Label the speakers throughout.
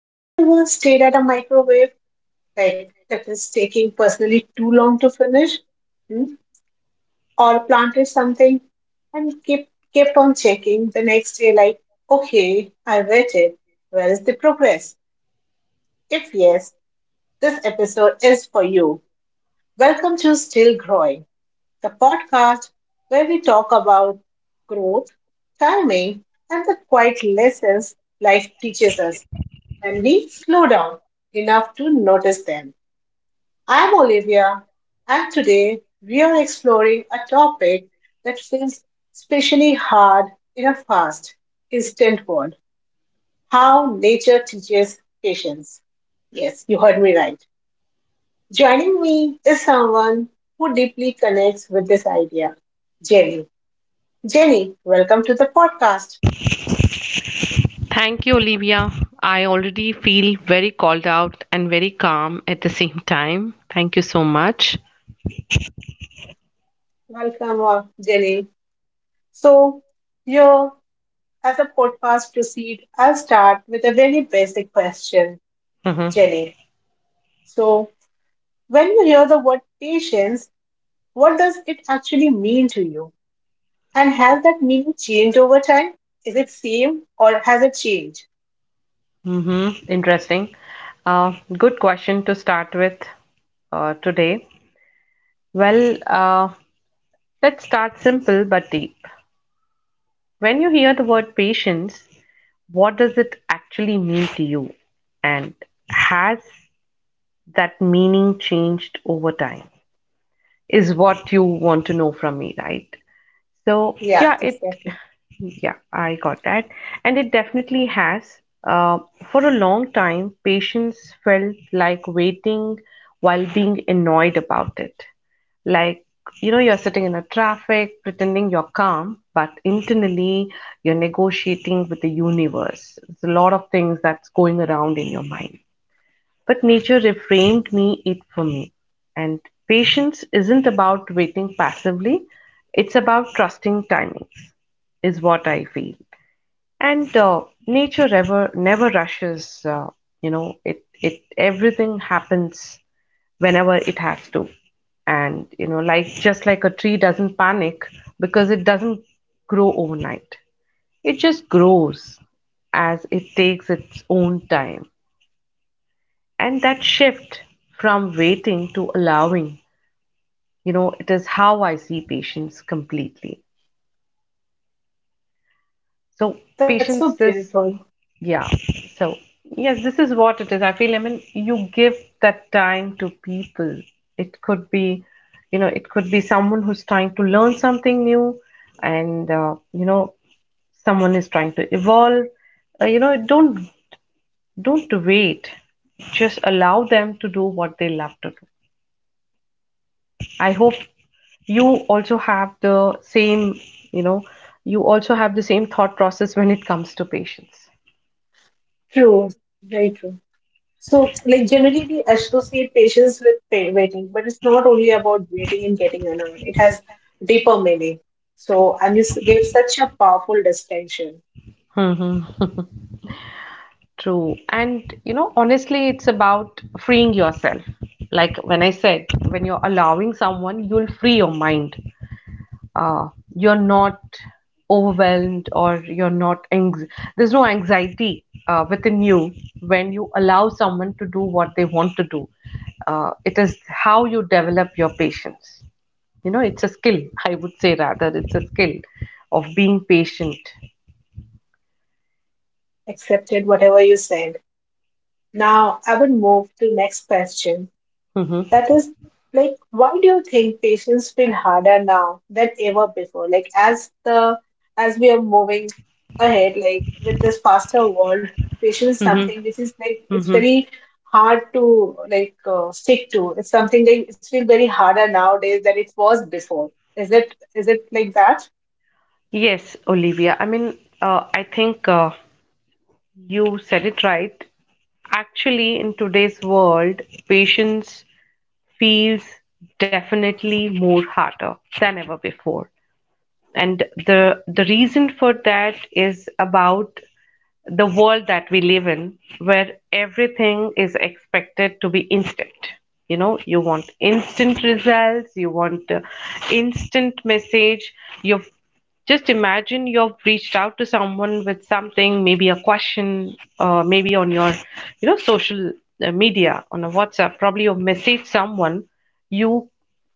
Speaker 1: Have you ever stayed at a microwave tech that is taking personally too long to finish? Hmm? Or planted something and kept on checking the next day like, okay, I waited. Where is the progress? If yes, this episode is for you. Welcome to Still Growing, the podcast where we talk about growth, timing, and the quiet lessons life teaches us when we slow down enough to notice them. I'm Olivia, and today we are exploring a topic that feels especially hard in a fast, instant world: how nature teaches patience. Yes, you heard me right. Joining me is someone who deeply connects with this idea, Jenny. Jenny, welcome to the podcast.
Speaker 2: Thank you, Olivia. I already feel very called out and very calm at the same time. Thank you so much.
Speaker 1: Welcome, Jenny. So, your As the podcast proceeds, I'll start with a very basic question,
Speaker 2: Mm-hmm.
Speaker 1: Jenny. So, when you hear the word patience, what does it actually mean to you? And has that meaning changed over time? Is it same or has it changed?
Speaker 2: Mm-hmm. Interesting. Good question to start with today. Well, let's start simple but deep. When you hear the word patience, what does it actually mean to you? And has that meaning changed over time? Is what you want to know from me, right? So
Speaker 1: Yeah,
Speaker 2: yeah, it
Speaker 1: exactly.
Speaker 2: yeah, I got that. And it definitely has. For a long time, patients felt like waiting while being annoyed about it. Like, you know, you're sitting in a traffic, pretending you're calm, but internally you're negotiating with the universe. There's a lot of things that's going around in your mind. But nature reframed me it for me. And patience isn't about waiting passively, it's about trusting timings, is what I feel. And nature ever never rushes. You know, it everything happens whenever it has to, and you know, like just like a tree doesn't panic because it doesn't grow overnight. It just grows as it takes its own time. And that shift from waiting to allowing, you know, it is how I see patience completely. So,
Speaker 1: That's so
Speaker 2: patience is,
Speaker 1: beautiful.
Speaker 2: yeah. So, yes, this is what it is. I feel, I mean, you give that time to people. It could be, you know, it could be someone who's trying to learn something new and, you know, someone is trying to evolve you know don't wait, just allow them to do what they love to do. I hope you also have the same, you know, you also have the same thought process when it comes to patients.
Speaker 1: True. Very true. So, like generally, we associate patience with waiting, but it's not only about waiting and getting annoyed. It has deeper meaning. So, and you gave such a powerful distinction.
Speaker 2: Mm-hmm. True. And, you know, honestly, it's about freeing yourself. Like when I said, when you're allowing someone, you'll free your mind. Uh, you're not overwhelmed or you're not anx- there's no anxiety within you when you allow someone to do what they want to do. It is how you develop your patience. You know, it's a skill, I would say rather, it's a skill of being patient.
Speaker 1: Accepted whatever you said. Now I would move to next question.
Speaker 2: Hmm.
Speaker 1: That is, like, why do you think patients feel harder now than ever before? Like, as the as we are moving ahead, like with this faster world, patience is something which is like it's very hard to like stick to. It's something that it's feel very harder nowadays than it was before. Is it like that?
Speaker 2: Yes, Olivia. I mean, I think you said it right. Actually, in today's world, patience feels definitely more harder than ever before. And the reason for that is about the world that we live in where everything is expected to be instant. You know, you want instant results, you want instant message, your, just imagine you've reached out to someone with something, maybe a question, maybe on your, you know, social media, on a WhatsApp. Probably you've messaged someone. You,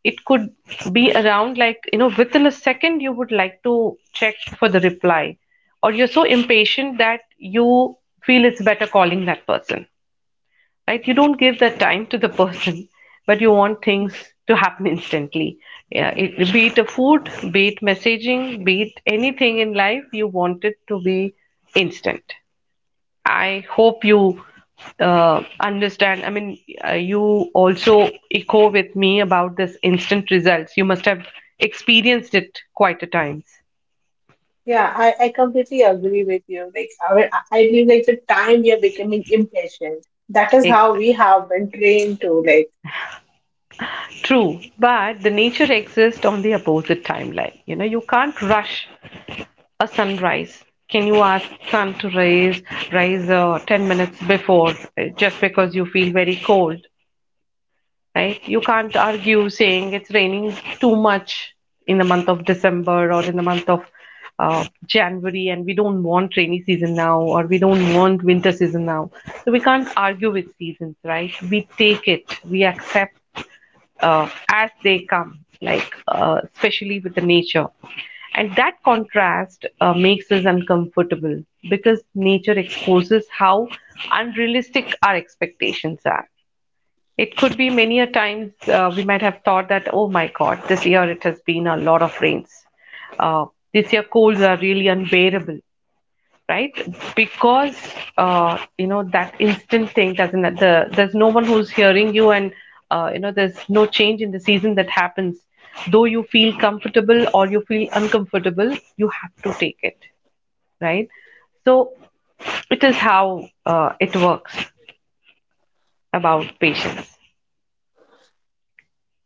Speaker 2: it could be around like, you know, within a second you would like to check for the reply, or you're so impatient that you feel it's better calling that person, right? You don't give that time to the person, but you want things to happen instantly. Yeah, it, be it a food, be it messaging, be it anything in life, you want it to be instant. I hope you understand. I mean, you also echo with me about this instant results, you must have experienced it quite a times.
Speaker 1: Yeah, I completely agree with you. Like, our, I feel like with time we are becoming impatient. That is how we
Speaker 2: Exact.
Speaker 1: have been trained to, like.
Speaker 2: True. But the nature exists on the opposite timeline. You know, you can't rush a sunrise. Can you ask sun to rise 10 minutes before just because you feel very cold? Right? You can't argue saying it's raining too much in the month of December or in the month of January, and we don't want rainy season now or we don't want winter season now. So we can't argue with seasons, right? We take it, we accept as they come, like especially with the nature. And that contrast makes us uncomfortable because nature exposes how unrealistic our expectations are. It could be many a times we might have thought that, oh my God, this year it has been a lot of rains. Uh, this year colds are really unbearable, right? Because you know that instant thing doesn't. The, there's no one who's hearing you, and you know there's no change in the season that happens. Though you feel comfortable or you feel uncomfortable, you have to take it, right? So it is how it works about patience.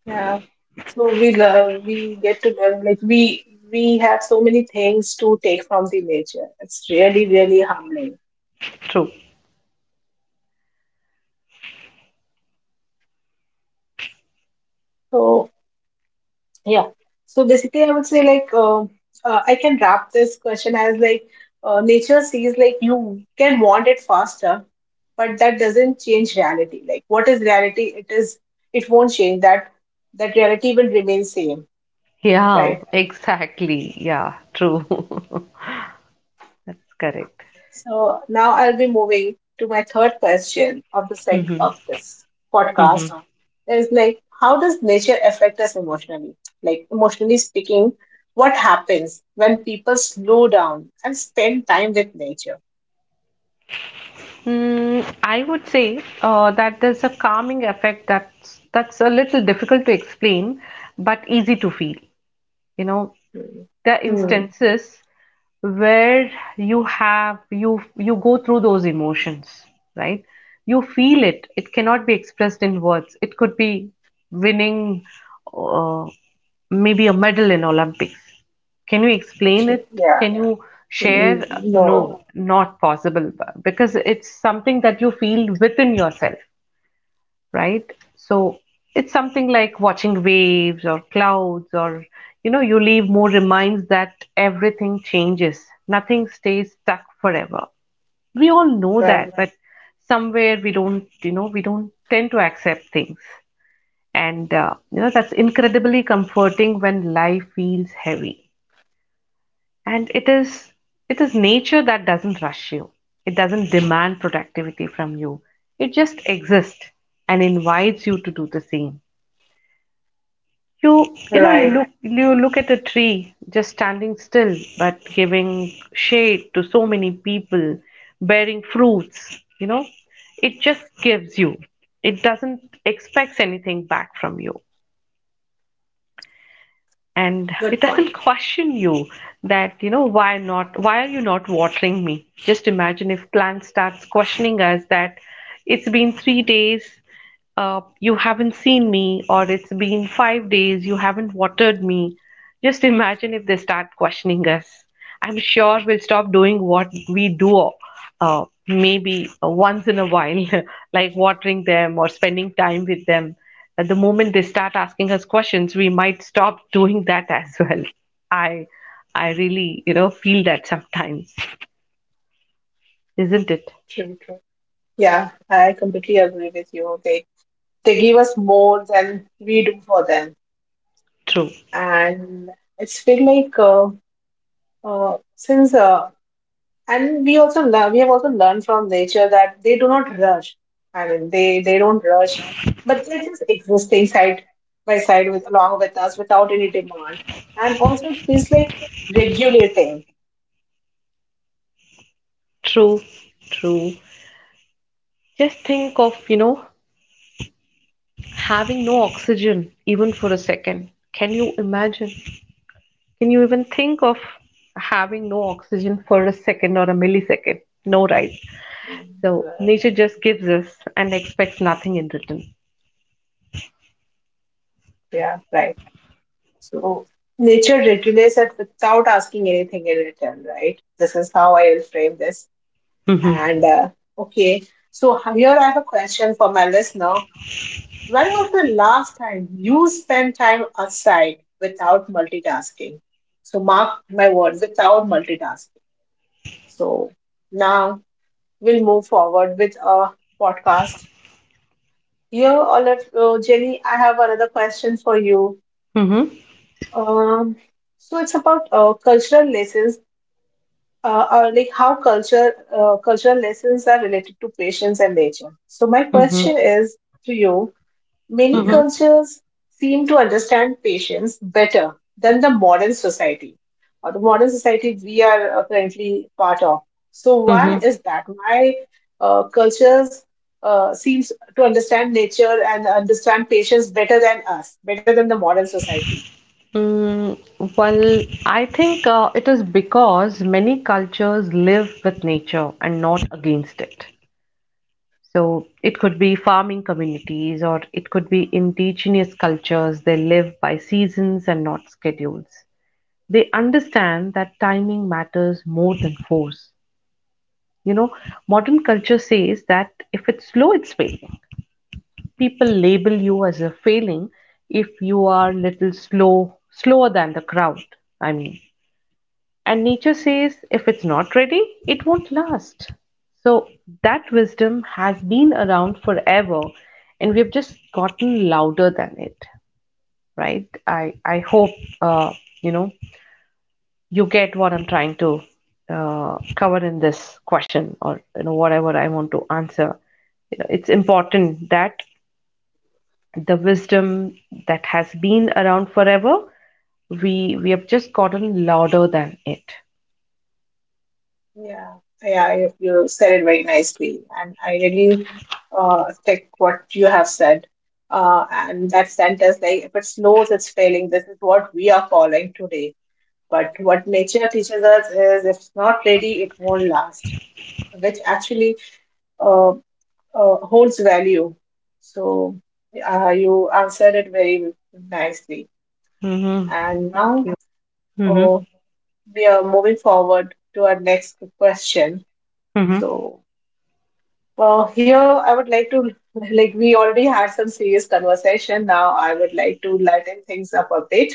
Speaker 1: Yeah. So we love, we get to learn. Like we have so many things to take from the nature. It's really really humbling.
Speaker 2: True.
Speaker 1: So yeah. So basically, I would say like I can wrap this question as like, nature sees, like, you can want it faster, but that doesn't change reality. Like, what is reality? It is. It won't change. That that reality will remain same,
Speaker 2: Yeah,
Speaker 1: right?
Speaker 2: exactly. Yeah, true. That's correct.
Speaker 1: So now I'll be moving to my third question of the seg
Speaker 2: Mhm,
Speaker 1: of this podcast.
Speaker 2: mhm.
Speaker 1: Is like, how does nature affect us emotionally? Like, emotionally speaking, what happens when people slow down and spend time with nature?
Speaker 2: Mm, I would say that there's a calming effect that's a little difficult to explain, but easy to feel. You know,
Speaker 1: Hmm.
Speaker 2: the
Speaker 1: Hmm.
Speaker 2: instances where you have you you go through those emotions, right? You feel it, it cannot be expressed in words. It could be winning uh, maybe a medal in Olympics. Can you explain
Speaker 1: Okay.
Speaker 2: it?
Speaker 1: Yeah.
Speaker 2: Can you share?
Speaker 1: Mm,
Speaker 2: No,
Speaker 1: no.
Speaker 2: not possible, because it's something that you feel within yourself, right? So it's something like watching waves or clouds, or you know, you leave more reminds that everything changes, nothing stays stuck forever. We all know
Speaker 1: Right.
Speaker 2: that, but somewhere we don't, you know, we don't tend to accept things. And you know that's incredibly comforting when life feels heavy. And it is nature that doesn't rush you. It doesn't demand productivity from you. It just exists and invites you to do the same. You you know you
Speaker 1: Right.
Speaker 2: look you look at a tree just standing still but giving shade to so many people, bearing fruits, you know. It just gives you. It doesn't expects anything back from you, and it
Speaker 1: Good
Speaker 2: doesn't
Speaker 1: point.
Speaker 2: question you that, you know, why not, why are you not watering me. Just imagine if plant starts questioning us that it's been 3 days, you haven't seen me, or it's been 5 days you haven't watered me. Just imagine if they start questioning us, I'm sure we'll stop doing what we do maybe once in a while, like watering them or spending time with them. At the moment they start asking us questions, we might stop doing that as well. I, I really, you know, feel that sometimes, isn't it?
Speaker 1: True. True. Yeah, I completely agree with you. They give us more than we do for them,
Speaker 2: True,
Speaker 1: and it's feel like since and we also learn, we have also learned from nature that they do not rush. I mean, they don't rush, but they're just existing side by side with along with us without any demand. And also, it feels like regulating.
Speaker 2: true, true. Just think of, you know, having no oxygen even for a second. Can you imagine? Can you even think of having no oxygen for a second or a millisecond? No, right? So
Speaker 1: Uh,
Speaker 2: nature just gives us and expects nothing in return.
Speaker 1: yeah, right. So nature regulates it without asking anything in return, right? This is how I will frame this.
Speaker 2: Mm-hmm.
Speaker 1: And Okay, so here I have a question for my listener. When was the last time you spent time aside without multitasking? So, mark my word, without multitasking. So, now we'll move forward with a podcast. Here, Jenny, I have another question for you.
Speaker 2: Mm-hmm.
Speaker 1: Um, so, it's about cultural lessons, like how culture cultural lessons are related to patience and nature. So, my
Speaker 2: Mm-hmm.
Speaker 1: question is to you: many
Speaker 2: Mm-hmm.
Speaker 1: cultures seem to understand patience better than the modern society or the modern society we are currently part of. So why
Speaker 2: Mm-hmm.
Speaker 1: is that? Why cultures seems to understand nature and understand patience better than us, better than the modern society?
Speaker 2: Mm, well, I think it is because many cultures live with nature and not against it. So it could be farming communities or it could be indigenous cultures. They live by seasons and not schedules. They understand that timing matters more than force. You know, modern culture says that if it's slow, it's failing. People label you as a failing if you are little slow, slower than the crowd. I mean, and nature says if it's not ready, it won't last. So that wisdom has been around forever, and we have just gotten louder than it, right? I hope uh, you know you get what I'm trying to cover in this question, or you know whatever I want to answer. You know, it's important that the wisdom that has been around forever, we have just gotten louder than it.
Speaker 1: Yeah, yeah, you said it very nicely, and I really take what you have said. And that sentence, like, if it snows, it's failing. This is what we are calling today. But what nature teaches us is, if it's not ready, it won't last, which actually uh, holds value. So you answered it very nicely.
Speaker 2: Mm-hmm.
Speaker 1: And
Speaker 2: Thank
Speaker 1: now
Speaker 2: you. Mm-hmm.
Speaker 1: uh, we are moving forward to our next question.
Speaker 2: Mm-hmm.
Speaker 1: So here I would like to, like, we already had some serious conversation. Now I would like to lighten things up a bit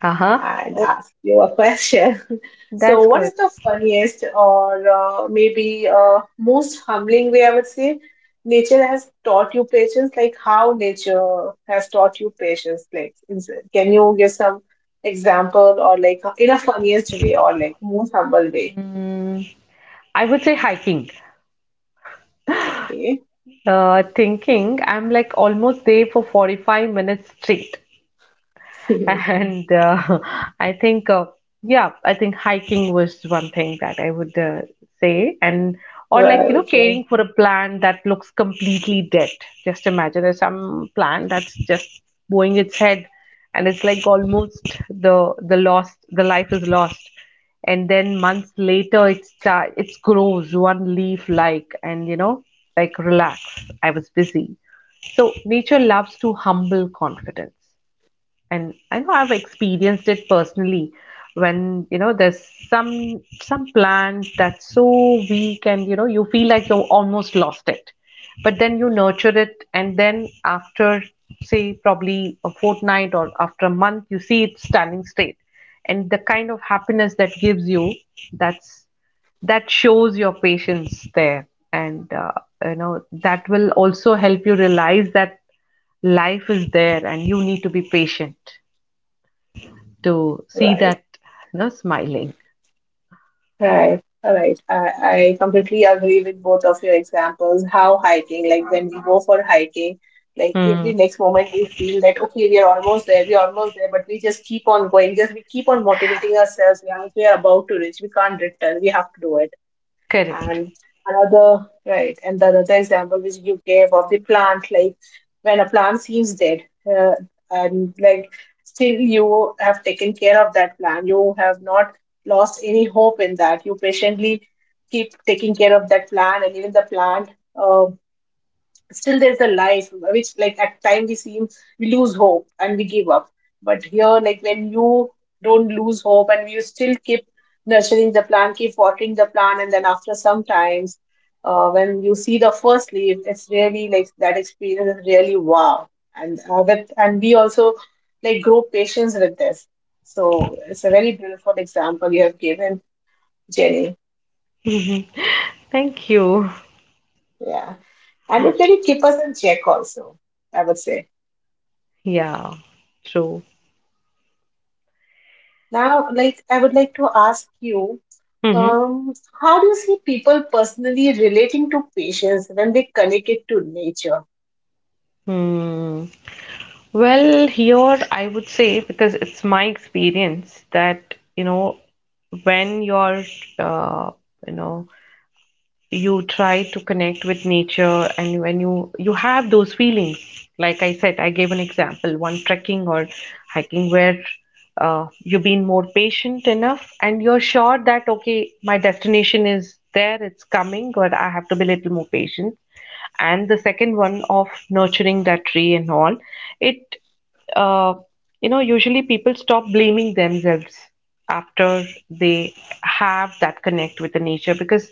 Speaker 2: Uh-huh.
Speaker 1: and
Speaker 2: Oh,
Speaker 1: ask you a question. So,
Speaker 2: that's
Speaker 1: what is
Speaker 2: good.
Speaker 1: the funniest or, maybe, most humbling way, I would say, nature has taught you patience? Like, how nature has taught you patience? Like, is, can you give some example, or like in a funniest way, or like most humble way?
Speaker 2: Mm, I would say hiking.
Speaker 1: Okay.
Speaker 2: Thinking, I'm like almost there for 45 minutes straight.
Speaker 1: Right,
Speaker 2: And I think, yeah, I think hiking was one thing that I would say. And or like, you know,
Speaker 1: right,
Speaker 2: caring for a plant that looks completely dead. Just imagine there's some plant that's just bowing its head, and it's like almost the life is lost. And then months later, it grows one leaf like, and you know, like relax, I was busy. So nature loves to humble confidence, and I know I've experienced it personally when, you know, there's some plant that's so weak, and you know you feel like you almost lost it, but then you nurture it, and then after say probably a fortnight or after a month you see it standing straight, and the kind of happiness that gives you, that's, that shows your patience there. And you know that will also help you realize that life is there and you need to be patient to see
Speaker 1: right.
Speaker 2: that, you know, smiling.
Speaker 1: Right. All right. I completely agree with both of your examples. How hiking, like when we go for hiking, like
Speaker 2: Hmm.
Speaker 1: every next moment we feel that, okay, we are almost there, we are almost there, but we just keep on going. Just we keep on motivating ourselves. Yeah, we are about to reach, we can't return, we have to do it.
Speaker 2: Correct.
Speaker 1: And another, right, and the another example which you gave of the plant, like when a plant seems dead, uh, and like still you have taken care of that plant, you have not lost any hope in that. You patiently keep taking care of that plant, and even the plant. uh, Still there's a life, which like at time we seem we lose hope and we give up, but here, like when you don't lose hope and you still keep nurturing the plant, keep watering the plant, and then after some times, when you see the first leaf, it's really like that experience is really wow. And that, and we also like grow patience with this. So it's a very beautiful example you have given, Jenny.
Speaker 2: Mhm. Thank you.
Speaker 1: Yeah, and it really keep us in check also, I would say.
Speaker 2: Yeah, true.
Speaker 1: Now, like, I would like to ask you,
Speaker 2: Mhm.
Speaker 1: um, how do you see people personally relating to patients when they connect it to nature?
Speaker 2: Hmm. Well, here I would say, because it's my experience that, when you're, uh, you know, you try to connect with nature. And when you have those feelings, like I said, I gave an example, one trekking or hiking where you've been more patient enough, and you're sure that, okay, my destination is there, it's coming, but I have to be a little more patient. And the second one of nurturing that tree and all, it uh, usually people stop blaming themselves after they have that connect with the nature, because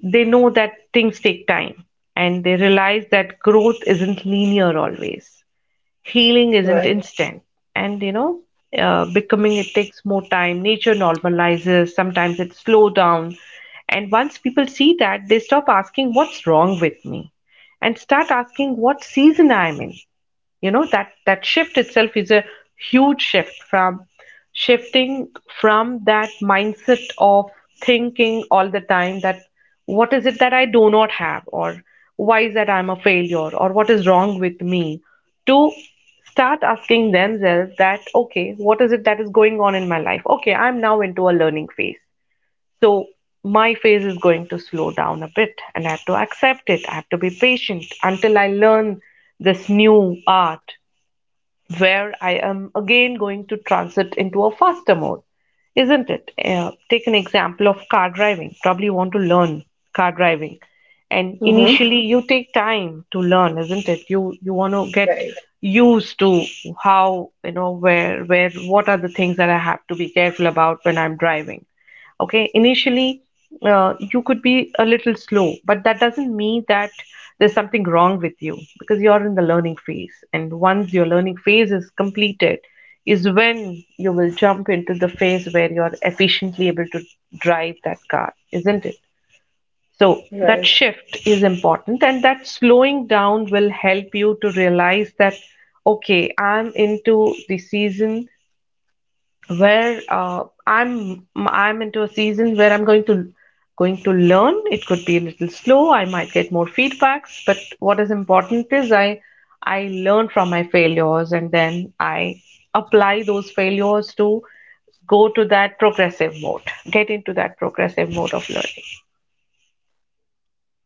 Speaker 2: they know that things take time, and they realize that growth isn't linear always, healing isn't
Speaker 1: Right,
Speaker 2: instant. And you know becoming it takes more time. Nature normalizes, sometimes it slow down. And once people see that, they stop asking what's wrong with me and start asking what season I'm in. That shift itself is a huge shift, from shifting from that mindset of thinking all the time that what is it that I do not have, or why is that I'm a failure, or what is wrong with me, to start asking themselves that, okay, what is it that is going on in my life? Okay, I'm now into a learning phase. So my phase is going to slow down a bit, and I have to accept it. I have to be patient until I learn this new art where I am again going to transit into a faster mode, isn't it? Take an example of car driving. Probably you want to learn car driving, and
Speaker 1: hmm,
Speaker 2: initially you take time to learn, isn't it? You want to get
Speaker 1: right,
Speaker 2: used to how, where, what are the things that I have to be careful about when I'm driving. Okay, initially, you could be a little slow, but that doesn't mean that there's something wrong with you, because you're in the learning phase, and once your learning phase is completed is when you will jump into the phase where you're efficiently able to drive that car, isn't it? So that
Speaker 1: right,
Speaker 2: shift is important, and that slowing down will help you to realize that, okay, I'm into the season where I'm into a season where I'm going to learn. It could be a little slow. I might get more feedbacks, but what is important is I learn from my failures, and then I apply those failures to go to that progressive mode. Get into that progressive mode of learning.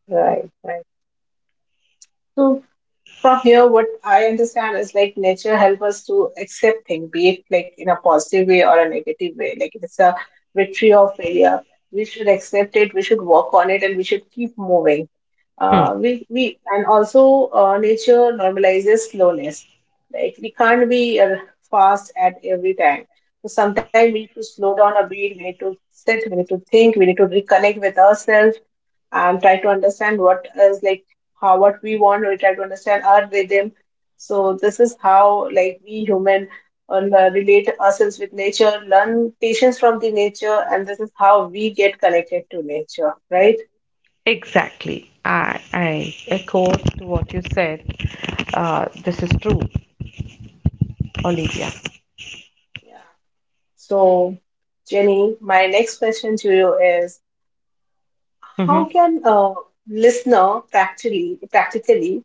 Speaker 1: right, right. So, from here, what I understand is like nature helps us to accept things, be it like in a positive way or a negative way. Like, if it's a victory or failure, we should accept it, we should work on it, and we should keep moving.
Speaker 2: Hmm.
Speaker 1: We and also nature normalizes slowness. Like, we can't be fast at every time, so sometimes we need to slow down a bit, we need to sit, we need to think, we need to reconnect with ourselves and try to understand what is like, how what we want, we try to understand our rhythm. So this is how, like, we human relate ourselves with nature, learn patience from the nature, and this is how we get connected to nature, right?
Speaker 2: Exactly. I echo what you said. This is true, Olivia.
Speaker 1: So, Jenny, my next question to you is,
Speaker 2: Hmm.
Speaker 1: how can a listener practically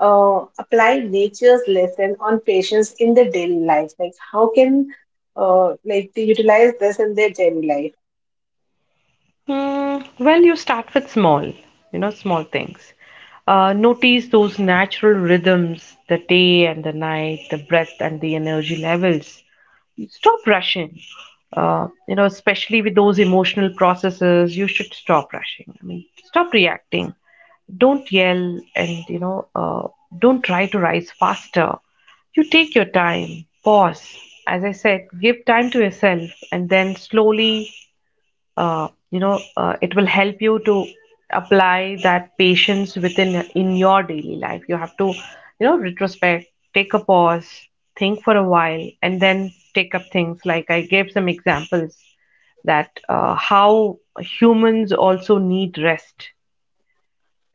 Speaker 1: apply nature's lesson on patients in their daily life? Like, how can, like, they utilize this in their daily life?
Speaker 2: Well, you start with small, small things. Notice those natural rhythms, the day and the night, the breath and the energy levels. Stop rushing. Especially with those emotional processes, you should stop rushing. I mean, stop reacting. Don't yell, and, don't try to rise faster. You take your time, pause. As I said, give time to yourself, and then slowly it will help you to apply that patience within, in your daily life. You have to, retrospect, take a pause, think for a while, and then take up things, like I gave some examples that, how humans also need rest.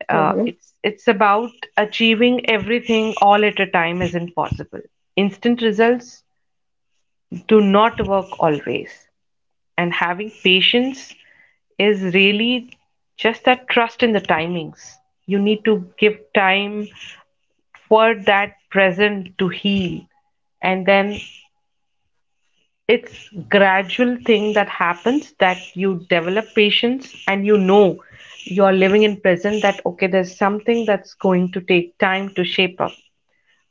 Speaker 2: uh,
Speaker 1: Mm-hmm.
Speaker 2: it's it's about achieving everything all at a time is impossible. Instant results do not work always. And having patience is really just that trust in the timings. You need to give time for that present to heal, and then it's gradual thing that happens, that you develop patience. And you are living in present that, okay, there's something that's going to take time to shape up,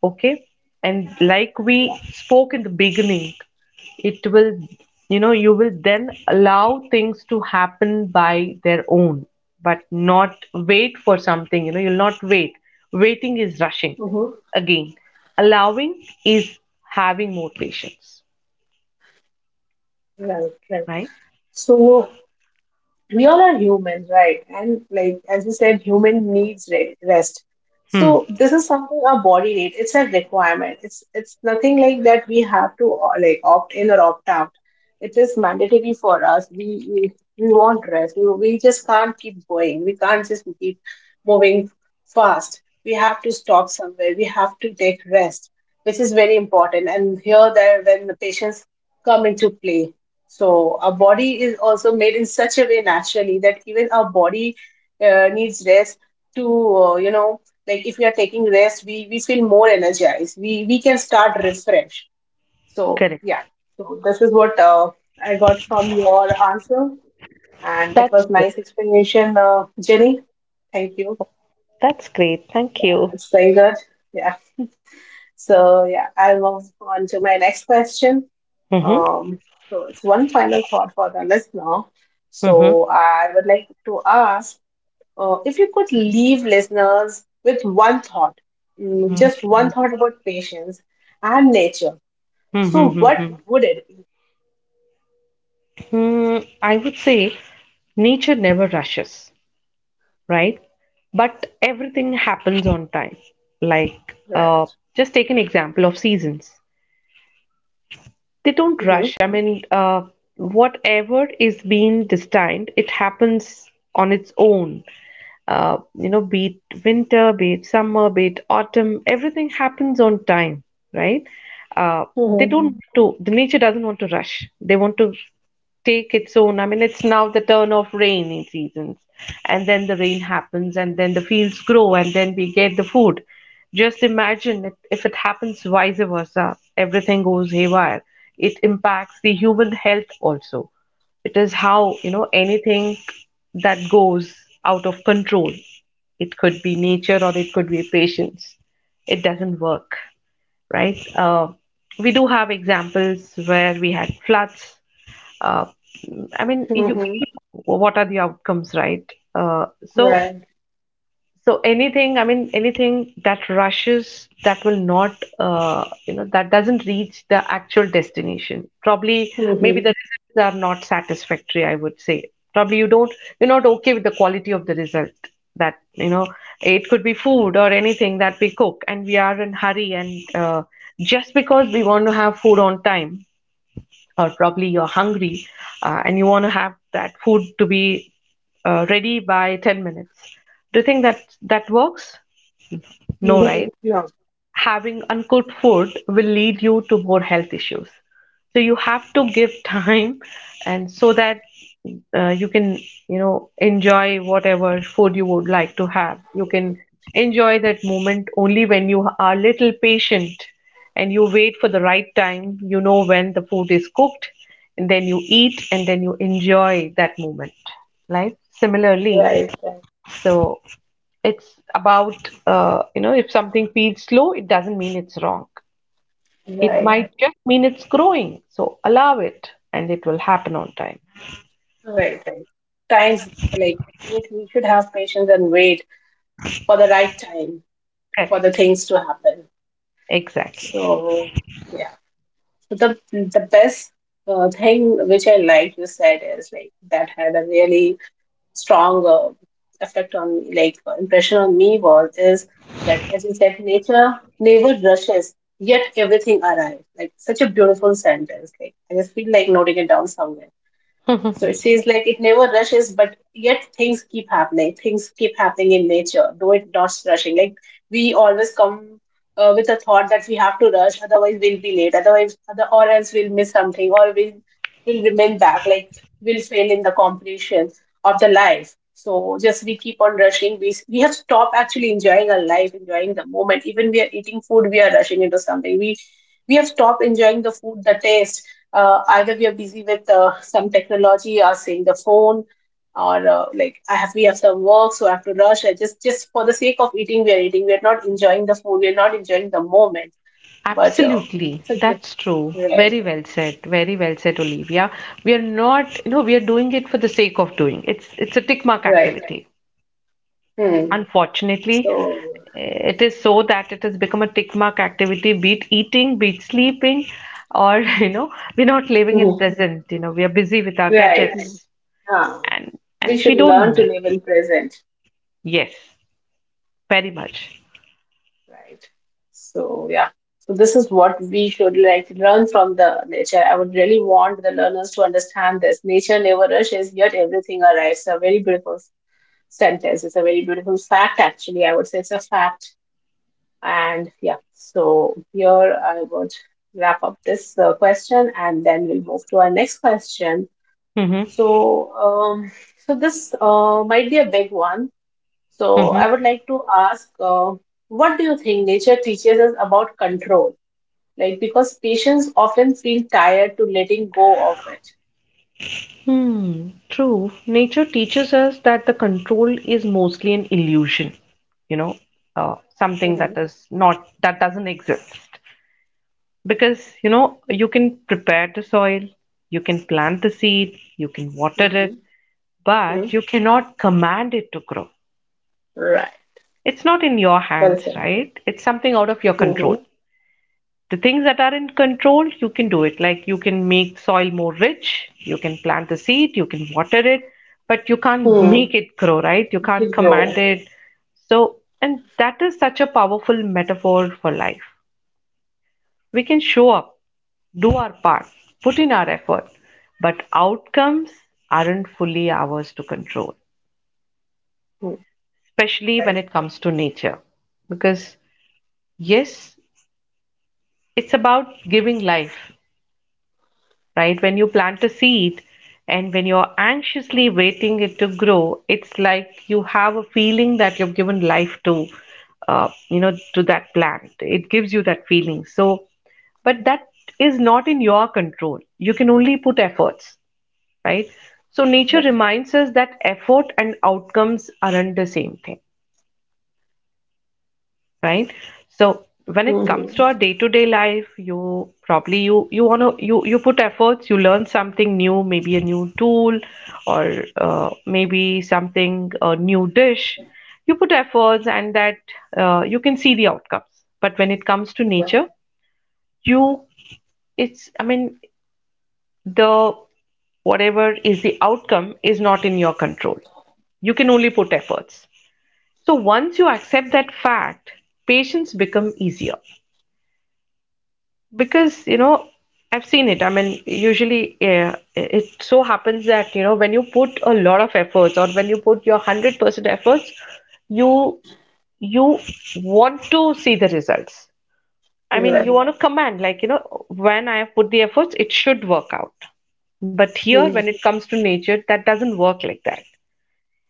Speaker 2: okay. And like we
Speaker 1: Yeah.
Speaker 2: spoke in the beginning, it will you know you will then allow things to happen by their own, but not wait for something. You'll not wait. Waiting is rushing
Speaker 1: Mm-hmm.
Speaker 2: again. Allowing is having more patience.
Speaker 1: Right, right.
Speaker 2: Right.
Speaker 1: So, we all are human, right? And like as you said, human needs rest. So
Speaker 2: Hmm.
Speaker 1: this is something our body needs. It's a requirement. It's nothing like that we have to like opt in or opt out. It is mandatory for us. We want rest. We just can't keep going. We can't just keep moving fast. We have to stop somewhere. We have to take rest, which is very important. And here, there, when the patients come into play, so our body is also made in such a way naturally that even our body needs rest to, you know, like if we are taking rest, we feel more energized. We can start refresh. So
Speaker 2: Correct.
Speaker 1: yeah, so this is what I got from your answer, and it was
Speaker 2: That's true.
Speaker 1: nice explanation, Jenny. Thank you.
Speaker 2: That's great. Thank
Speaker 1: Yeah,
Speaker 2: you.
Speaker 1: it's very good. Yeah. So yeah, I'll move on to my next question.
Speaker 2: Mm-hmm.
Speaker 1: Um, so, it's one final thought for the listener.
Speaker 2: Mm-hmm.
Speaker 1: So I would like to ask, if you could leave listeners with one thought, mm, just one thought about patience and nature. So
Speaker 2: Mm-hmm.
Speaker 1: what
Speaker 2: Mm-hmm.
Speaker 1: would it be?
Speaker 2: Hmm, I would say nature never rushes, right? But everything happens on time. Like,
Speaker 1: Right.
Speaker 2: just take an example of seasons. They don't
Speaker 1: Mm-hmm.
Speaker 2: rush. I mean, whatever is being destined, it happens on its own. Be it winter, be it summer, be it autumn, everything happens on time, right? Uh, they
Speaker 1: Mm-hmm.
Speaker 2: don't Mm. want to, the nature doesn't want to rush. They want to take its own. I mean, it's now the turn of rainy seasons, and then the rain happens, and then the fields grow, and then we get the food. Just imagine it, if it happens vice versa, everything goes haywire. It impacts the human health also. It is how, anything that goes out of control, it could be nature or it could be patience, it doesn't work, right? We do have examples where we had floods. Uh, I mean, you
Speaker 1: Mm-hmm.
Speaker 2: know what are the outcomes, right? Uh, so
Speaker 1: Right.
Speaker 2: so anything, I mean, anything that rushes, that will not, you know, that doesn't reach the actual destination. Probably, maybe
Speaker 1: Mm-hmm.
Speaker 2: the results are not satisfactory, I would say. Probably you're not okay with the quality of the result. That, it could be food or anything that we cook, and we are in hurry, and just because we want to have food on time, or probably you're hungry, and you want to have that food to be ready by 10 minutes. Do you think that that works? No,
Speaker 1: Mm-hmm.
Speaker 2: right?
Speaker 1: No.
Speaker 2: Having uncooked food will lead you to more health issues. So you have to give time, and so that you can, enjoy whatever food you would like to have. You can enjoy that moment only when you are little patient, and you wait for the right time. You know when the food is cooked, and then you eat, and then you enjoy that moment, right? Similarly,
Speaker 1: Right. Right.
Speaker 2: so it's about, if something feels slow, it doesn't mean it's wrong. It, right,
Speaker 1: Right.
Speaker 2: might just mean it's growing. So allow it, and it will happen on time.
Speaker 1: Right. Right. Times, like, we should have patience and wait for the right time for the
Speaker 2: Correct.
Speaker 1: things to happen.
Speaker 2: Exactly.
Speaker 1: So, yeah. The best thing which I like you said is like that had a really strong effect on me, like impression on me was is that, as you said, nature never rushes, yet everything arrives. Like, such a beautiful sentence. Like, I just feel like noting it down somewhere. So it says like it never rushes, but yet things keep happening. Things keep happening in nature, though it's not rushing. Like, we always come with a thought that we have to rush, otherwise we'll be late. Otherwise, or else we'll miss something, or we'll will remain back. Like we'll fail in the completion of the life. So just we keep on rushing. We have stopped actually enjoying our life, enjoying the moment. Even we are eating food, we are rushing into something. We have stopped enjoying the food, the taste, either we are busy with some technology or saying the phone or like I have we have some work so I have to rush. I just for the sake of eating, we are eating, we are not enjoying the food, we are not enjoying the moment. But
Speaker 2: Absolutely. That's true.
Speaker 1: right.
Speaker 2: Very well said. Very well said, Olivia. We are not, we are doing it for the sake of doing. It's a tick mark
Speaker 1: Right.
Speaker 2: activity.
Speaker 1: Hmm.
Speaker 2: Unfortunately,
Speaker 1: So
Speaker 2: it is so that it has become a tick mark activity, be it eating, be it sleeping, or we're not living in
Speaker 1: mhm.
Speaker 2: present, we are busy with our, right,
Speaker 1: Right.
Speaker 2: gadgets,
Speaker 1: Ah.
Speaker 2: and
Speaker 1: We
Speaker 2: and we
Speaker 1: should
Speaker 2: don't
Speaker 1: learn to
Speaker 2: know.
Speaker 1: live in present.
Speaker 2: Yes, very much.
Speaker 1: Right. So, yeah. So, this is what we should like learn from the nature. I would really want the learners to understand this. Nature never rushes, yet everything arrives. A very beautiful sentence. It's a very beautiful fact, actually. I would say it's a fact. And yeah, so here I would wrap up this question, and then we'll move to our next question.
Speaker 2: Mm-hmm.
Speaker 1: So, so this might be a big one, so
Speaker 2: Mm-hmm.
Speaker 1: I would like to ask, what do you think nature teaches us about control? Like, because patients often feel tired to letting go of it.
Speaker 2: Hmm, true. Nature teaches us that the control is mostly an illusion, you know, something that
Speaker 1: Mhm,
Speaker 2: is not that doesn't exist. Because you can prepare the soil, you can plant the seed, you can water
Speaker 1: mhm,
Speaker 2: it,
Speaker 1: mhm.
Speaker 2: but you cannot command it to grow.
Speaker 1: Right.
Speaker 2: It's not in your
Speaker 1: Well
Speaker 2: hands,
Speaker 1: said.
Speaker 2: right? It's something out of your control.
Speaker 1: Mm-hmm.
Speaker 2: The things that are in control, you can do it, like, you can make soil more rich, you can plant the seed, you can water it, but you can't
Speaker 1: Hmm.
Speaker 2: make it grow, right? You
Speaker 1: Let
Speaker 2: can't
Speaker 1: it
Speaker 2: command
Speaker 1: grow.
Speaker 2: it. So, and that is such a powerful metaphor for life. We can show up, do our part, put in our effort, but outcomes aren't fully ours to control,
Speaker 1: Hmm.
Speaker 2: especially when
Speaker 1: Right.
Speaker 2: it comes to nature. Because, yes, it's about giving life, right? When you plant a seed and when you're anxiously waiting it to grow, it's like you have a feeling that you've given life to. To that plant, it gives you that feeling. So, but that is not in your control. You can only put efforts, right? So nature reminds us that effort and outcomes aren't the same thing, right? So when it comes to
Speaker 1: Mhm.
Speaker 2: our day-to-day life, you probably you wanna you put efforts, you learn something new, maybe a new tool, or maybe something a new dish. You put efforts, and that you can see the outcomes. But when it comes to
Speaker 1: Yeah.
Speaker 2: nature, you it's I mean, the whatever is the outcome is not in your control. You can only put efforts. So once you accept that fact, patients become easier, because I've seen it. I mean, usually, it so happens that, when you put a lot of efforts, or when you put your 100% efforts, you you want to see the results. I mean,
Speaker 1: Right.
Speaker 2: you want to command, like, when I have put the efforts, it should work out. But here,
Speaker 1: Hmm.
Speaker 2: when it comes to nature, that doesn't work like that.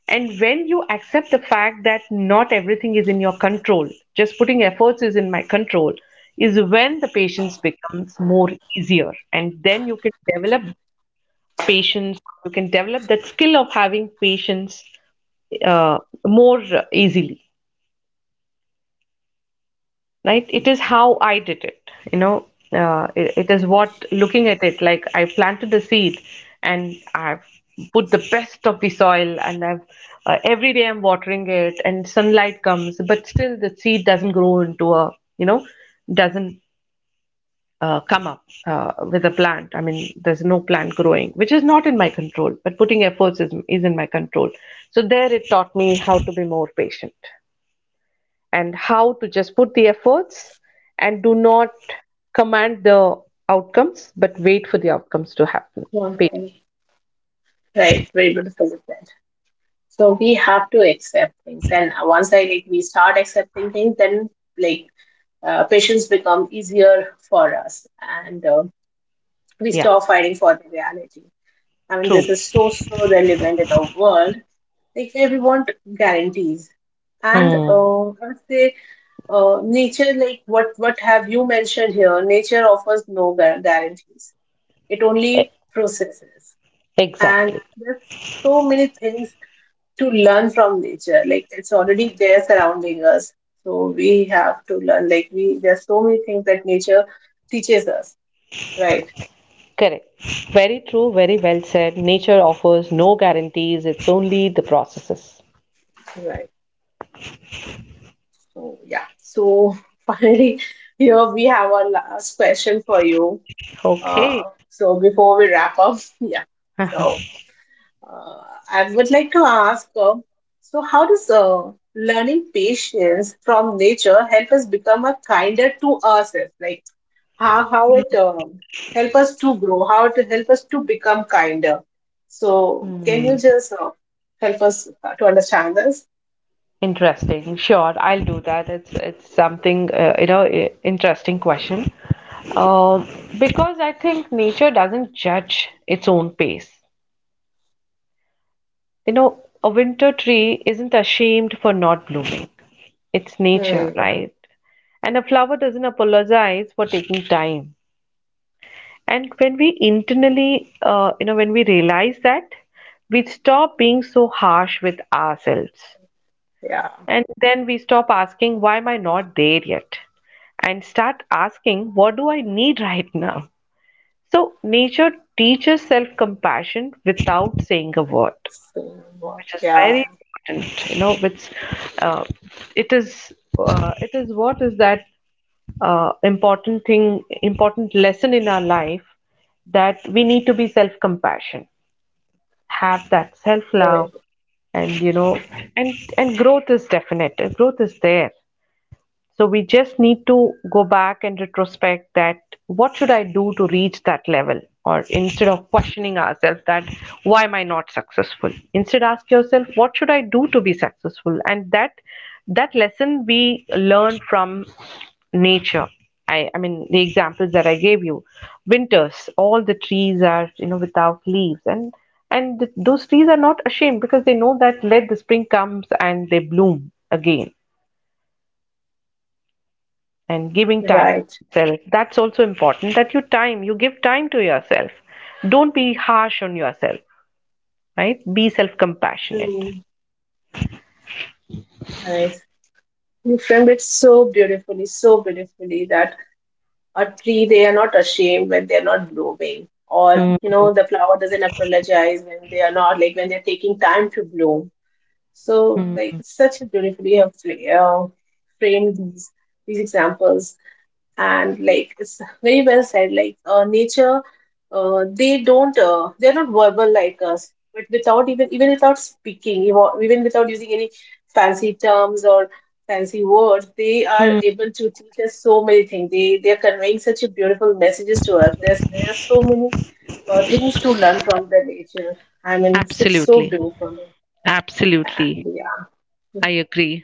Speaker 2: And when you accept the fact that not everything is in your control, just putting efforts is in my control, is when the patience becomes more easier. And then you can develop patience, or you can develop that skill of having patience more easily. Right? It is how I did it. It is what looking at it, like, I planted the seed, and I've put the best of the soil, and I've every day I'm watering it, and sunlight comes, but still the seed doesn't grow into a, doesn't, come up, with a plant. I mean, there's no plant growing, which is not in my control, but putting efforts is in my control. So there it taught me how to be more patient, and how to just put the efforts, and do not command the outcomes, but wait for the outcomes to happen
Speaker 1: Yeah.
Speaker 2: patiently.
Speaker 1: Right. Very beautiful said. So we have to accept things, and once I like we start accepting things, then like patients become easier for us, and we
Speaker 2: Yeah,
Speaker 1: stop fighting for the reality. I mean,
Speaker 2: true.
Speaker 1: this is so, so relevant in our world. Like, where we want guarantees. And
Speaker 2: Hmm.
Speaker 1: I would say, nature, like what have you mentioned here, nature offers no guarantees. It
Speaker 2: E-
Speaker 1: only processes.
Speaker 2: Exactly.
Speaker 1: And there's so many things to learn from nature. Like, it's already there surrounding us. So we have to learn. Like, we, there's so many things that nature teaches us. Right,
Speaker 2: Correct. Very true, very well said. Nature offers no guarantees, it's only the processes.
Speaker 1: right. So yeah. So finally, here we have our last question for you.
Speaker 2: Okay.
Speaker 1: So before we wrap up, yeah. So uh, I would like to ask, so how does learning patience from nature help us become a kinder to ourselves? Like how it help us to grow, how to help us to become kinder. So can you just help us to understand this?
Speaker 2: Interesting. Sure, I'll do that. It's something interesting question. Uh, because I think nature doesn't judge its own pace. You know, a winter tree isn't ashamed for not blooming. It's nature,
Speaker 1: Hmm.
Speaker 2: right? And a flower doesn't apologize for taking time. And when we internally, you know, when we realize that, we stop being so harsh with ourselves.
Speaker 1: Yeah.
Speaker 2: And then we stop asking, why am I not there yet? And start asking, what do I need right now? So, nature teaches self compassion without saying a word,
Speaker 1: So what?
Speaker 2: which is
Speaker 1: Yeah.
Speaker 2: very important. Which, uh, it is, it is what is that, important thing, important lesson in our life that we need to be self compassion, have that self
Speaker 1: Right,
Speaker 2: love, and you know, and growth is definite. Growth is there, so we just need to go back and retrospect that what should I do to reach that level? Or instead of questioning ourselves that why am I not successful? Instead ask yourself what should I do to be successful? And that lesson we learn from nature. I mean the examples that I gave you. Winters, all the trees are, without leaves, and those trees are not ashamed, because they know that let the spring comes and they bloom again. And giving time to
Speaker 1: right.
Speaker 2: ourselves, that's also important, that you time you give time to yourself. Don't be harsh on yourself, right? Be self compassionate.
Speaker 1: Mm, nice. You framed it so beautifully that a tree, they are not ashamed when they're not blooming. Or, you
Speaker 2: Hmm.
Speaker 1: know, the flower doesn't apologize when they are not, like when they're taking time to bloom. So, like,
Speaker 2: Hmm.
Speaker 1: such a beautifully have framed these examples. And like it's very well said, like nature they don't they're not verbal like us, but without even without speaking, even without using any fancy terms or fancy words, they are
Speaker 2: Hmm.
Speaker 1: able to teach us so many things. They are conveying such a beautiful messages to us. There's so many things to learn from the nature. I mean, it's so
Speaker 2: Absolutely.
Speaker 1: beautiful. And
Speaker 2: Absolutely.
Speaker 1: yeah,
Speaker 2: I agree.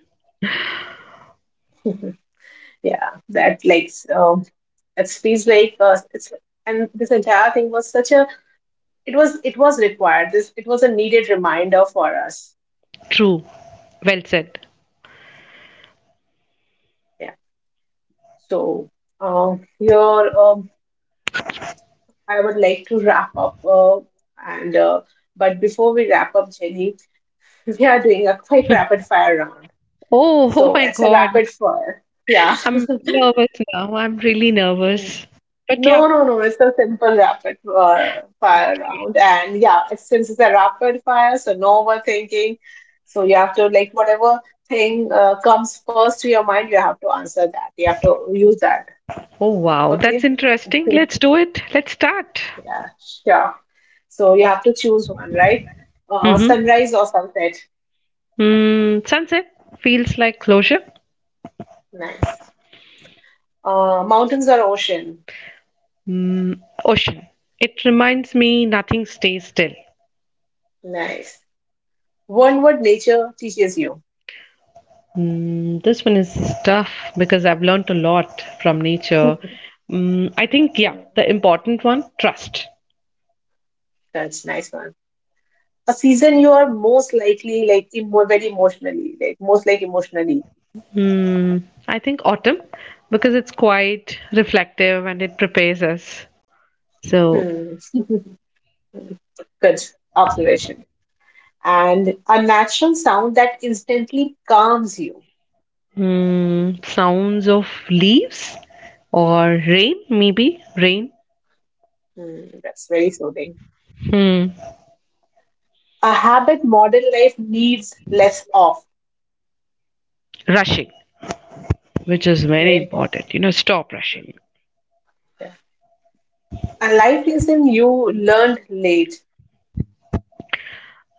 Speaker 1: yeah, that like that speaks like it's and this entire thing was such a it was required this, it was a needed reminder for us.
Speaker 2: True. Well said.
Speaker 1: Yeah. So here I would like to wrap up and but before we wrap up, Jenny. We are doing a quick rapid fire round.
Speaker 2: Oh, oh
Speaker 1: So
Speaker 2: my
Speaker 1: it's a
Speaker 2: God.
Speaker 1: rapid fire. Yeah.
Speaker 2: I'm nervous now. I'm really nervous. But yeah.
Speaker 1: No, no, no. It's a simple rapid fire
Speaker 2: Okay.
Speaker 1: round. And yeah, it's, since it's a rapid fire, so no overthinking. So you have to, like, whatever thing comes first to your mind, you have to answer that. You have to use that.
Speaker 2: Oh wow. That's
Speaker 1: Okay?
Speaker 2: interesting.
Speaker 1: Okay.
Speaker 2: Let's do it. Let's start.
Speaker 1: Yeah, sure. So you have to choose one, right?
Speaker 2: Mm-hmm.
Speaker 1: Sunrise or sunset?
Speaker 2: Sunset feels like closure.
Speaker 1: Nice. Mountains or ocean?
Speaker 2: Mm, ocean. It reminds me nothing stays still.
Speaker 1: Nice. One word nature teaches you.
Speaker 2: This one is tough, because I've learned a lot from nature. I think, yeah,
Speaker 1: Uh,
Speaker 2: the important one, trust.
Speaker 1: that's nice one. A season you are most likely like very emotionally, like most like emotionally.
Speaker 2: I think autumn, because it's quite reflective and it prepares us. So,
Speaker 1: Hmm. Good observation. And a natural sound that instantly calms you.
Speaker 2: sounds of leaves or rain, maybe rain.
Speaker 1: Hmm. That's very soothing.
Speaker 2: Hmm,
Speaker 1: A habit modern life needs less of.
Speaker 2: rushing, which is very
Speaker 1: Very important.
Speaker 2: important. Stop rushing.
Speaker 1: Yeah. A life lesson you learned late.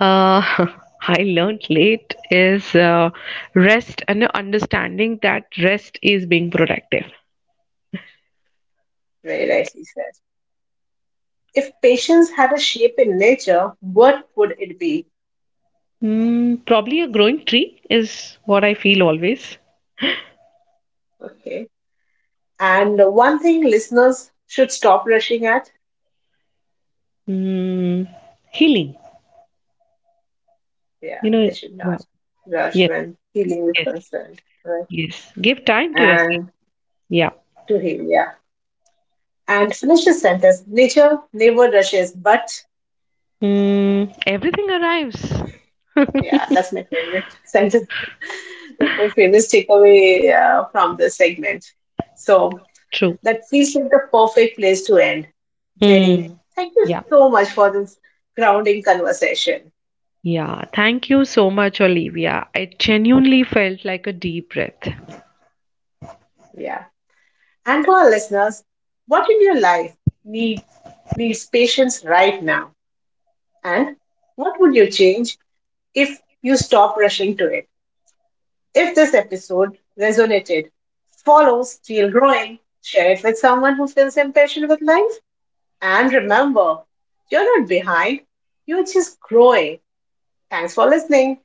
Speaker 2: uh, I learned late is rest and understanding that rest is being productive.
Speaker 1: Very rightly said. If patience had a shape in nature, what would it be?
Speaker 2: Probably a growing tree is what I feel always.
Speaker 1: Okay. And one thing listeners should stop rushing at.
Speaker 2: Mm, healing, you
Speaker 1: Yeah,
Speaker 2: know,
Speaker 1: they should
Speaker 2: yeah,
Speaker 1: not rush
Speaker 2: yes,
Speaker 1: when healing is
Speaker 2: yes,
Speaker 1: concerned. Right.
Speaker 2: yes. Give time to
Speaker 1: And
Speaker 2: yourself. Yeah.
Speaker 1: to heal, yeah. And finish the sentence. Nature never rushes, but
Speaker 2: Everything arrives.
Speaker 1: yeah, that's my favorite sentence. That's my favorite takeaway from this segment. So
Speaker 2: True.
Speaker 1: that feels like the perfect place to end. Jenny,
Speaker 2: Hmm.
Speaker 1: thank you
Speaker 2: Yeah.
Speaker 1: so much for this grounding conversation.
Speaker 2: Yeah. Thank you so much, Olivia. It genuinely felt like a deep breath.
Speaker 1: Yeah. And to our listeners, what in your life needs needs patience right now? And what would you change if you stop rushing to it? If this episode resonated, follow Still Growing, share it with someone who feels impatient with life, and remember, you're not behind, you're just growing. Thanks for listening.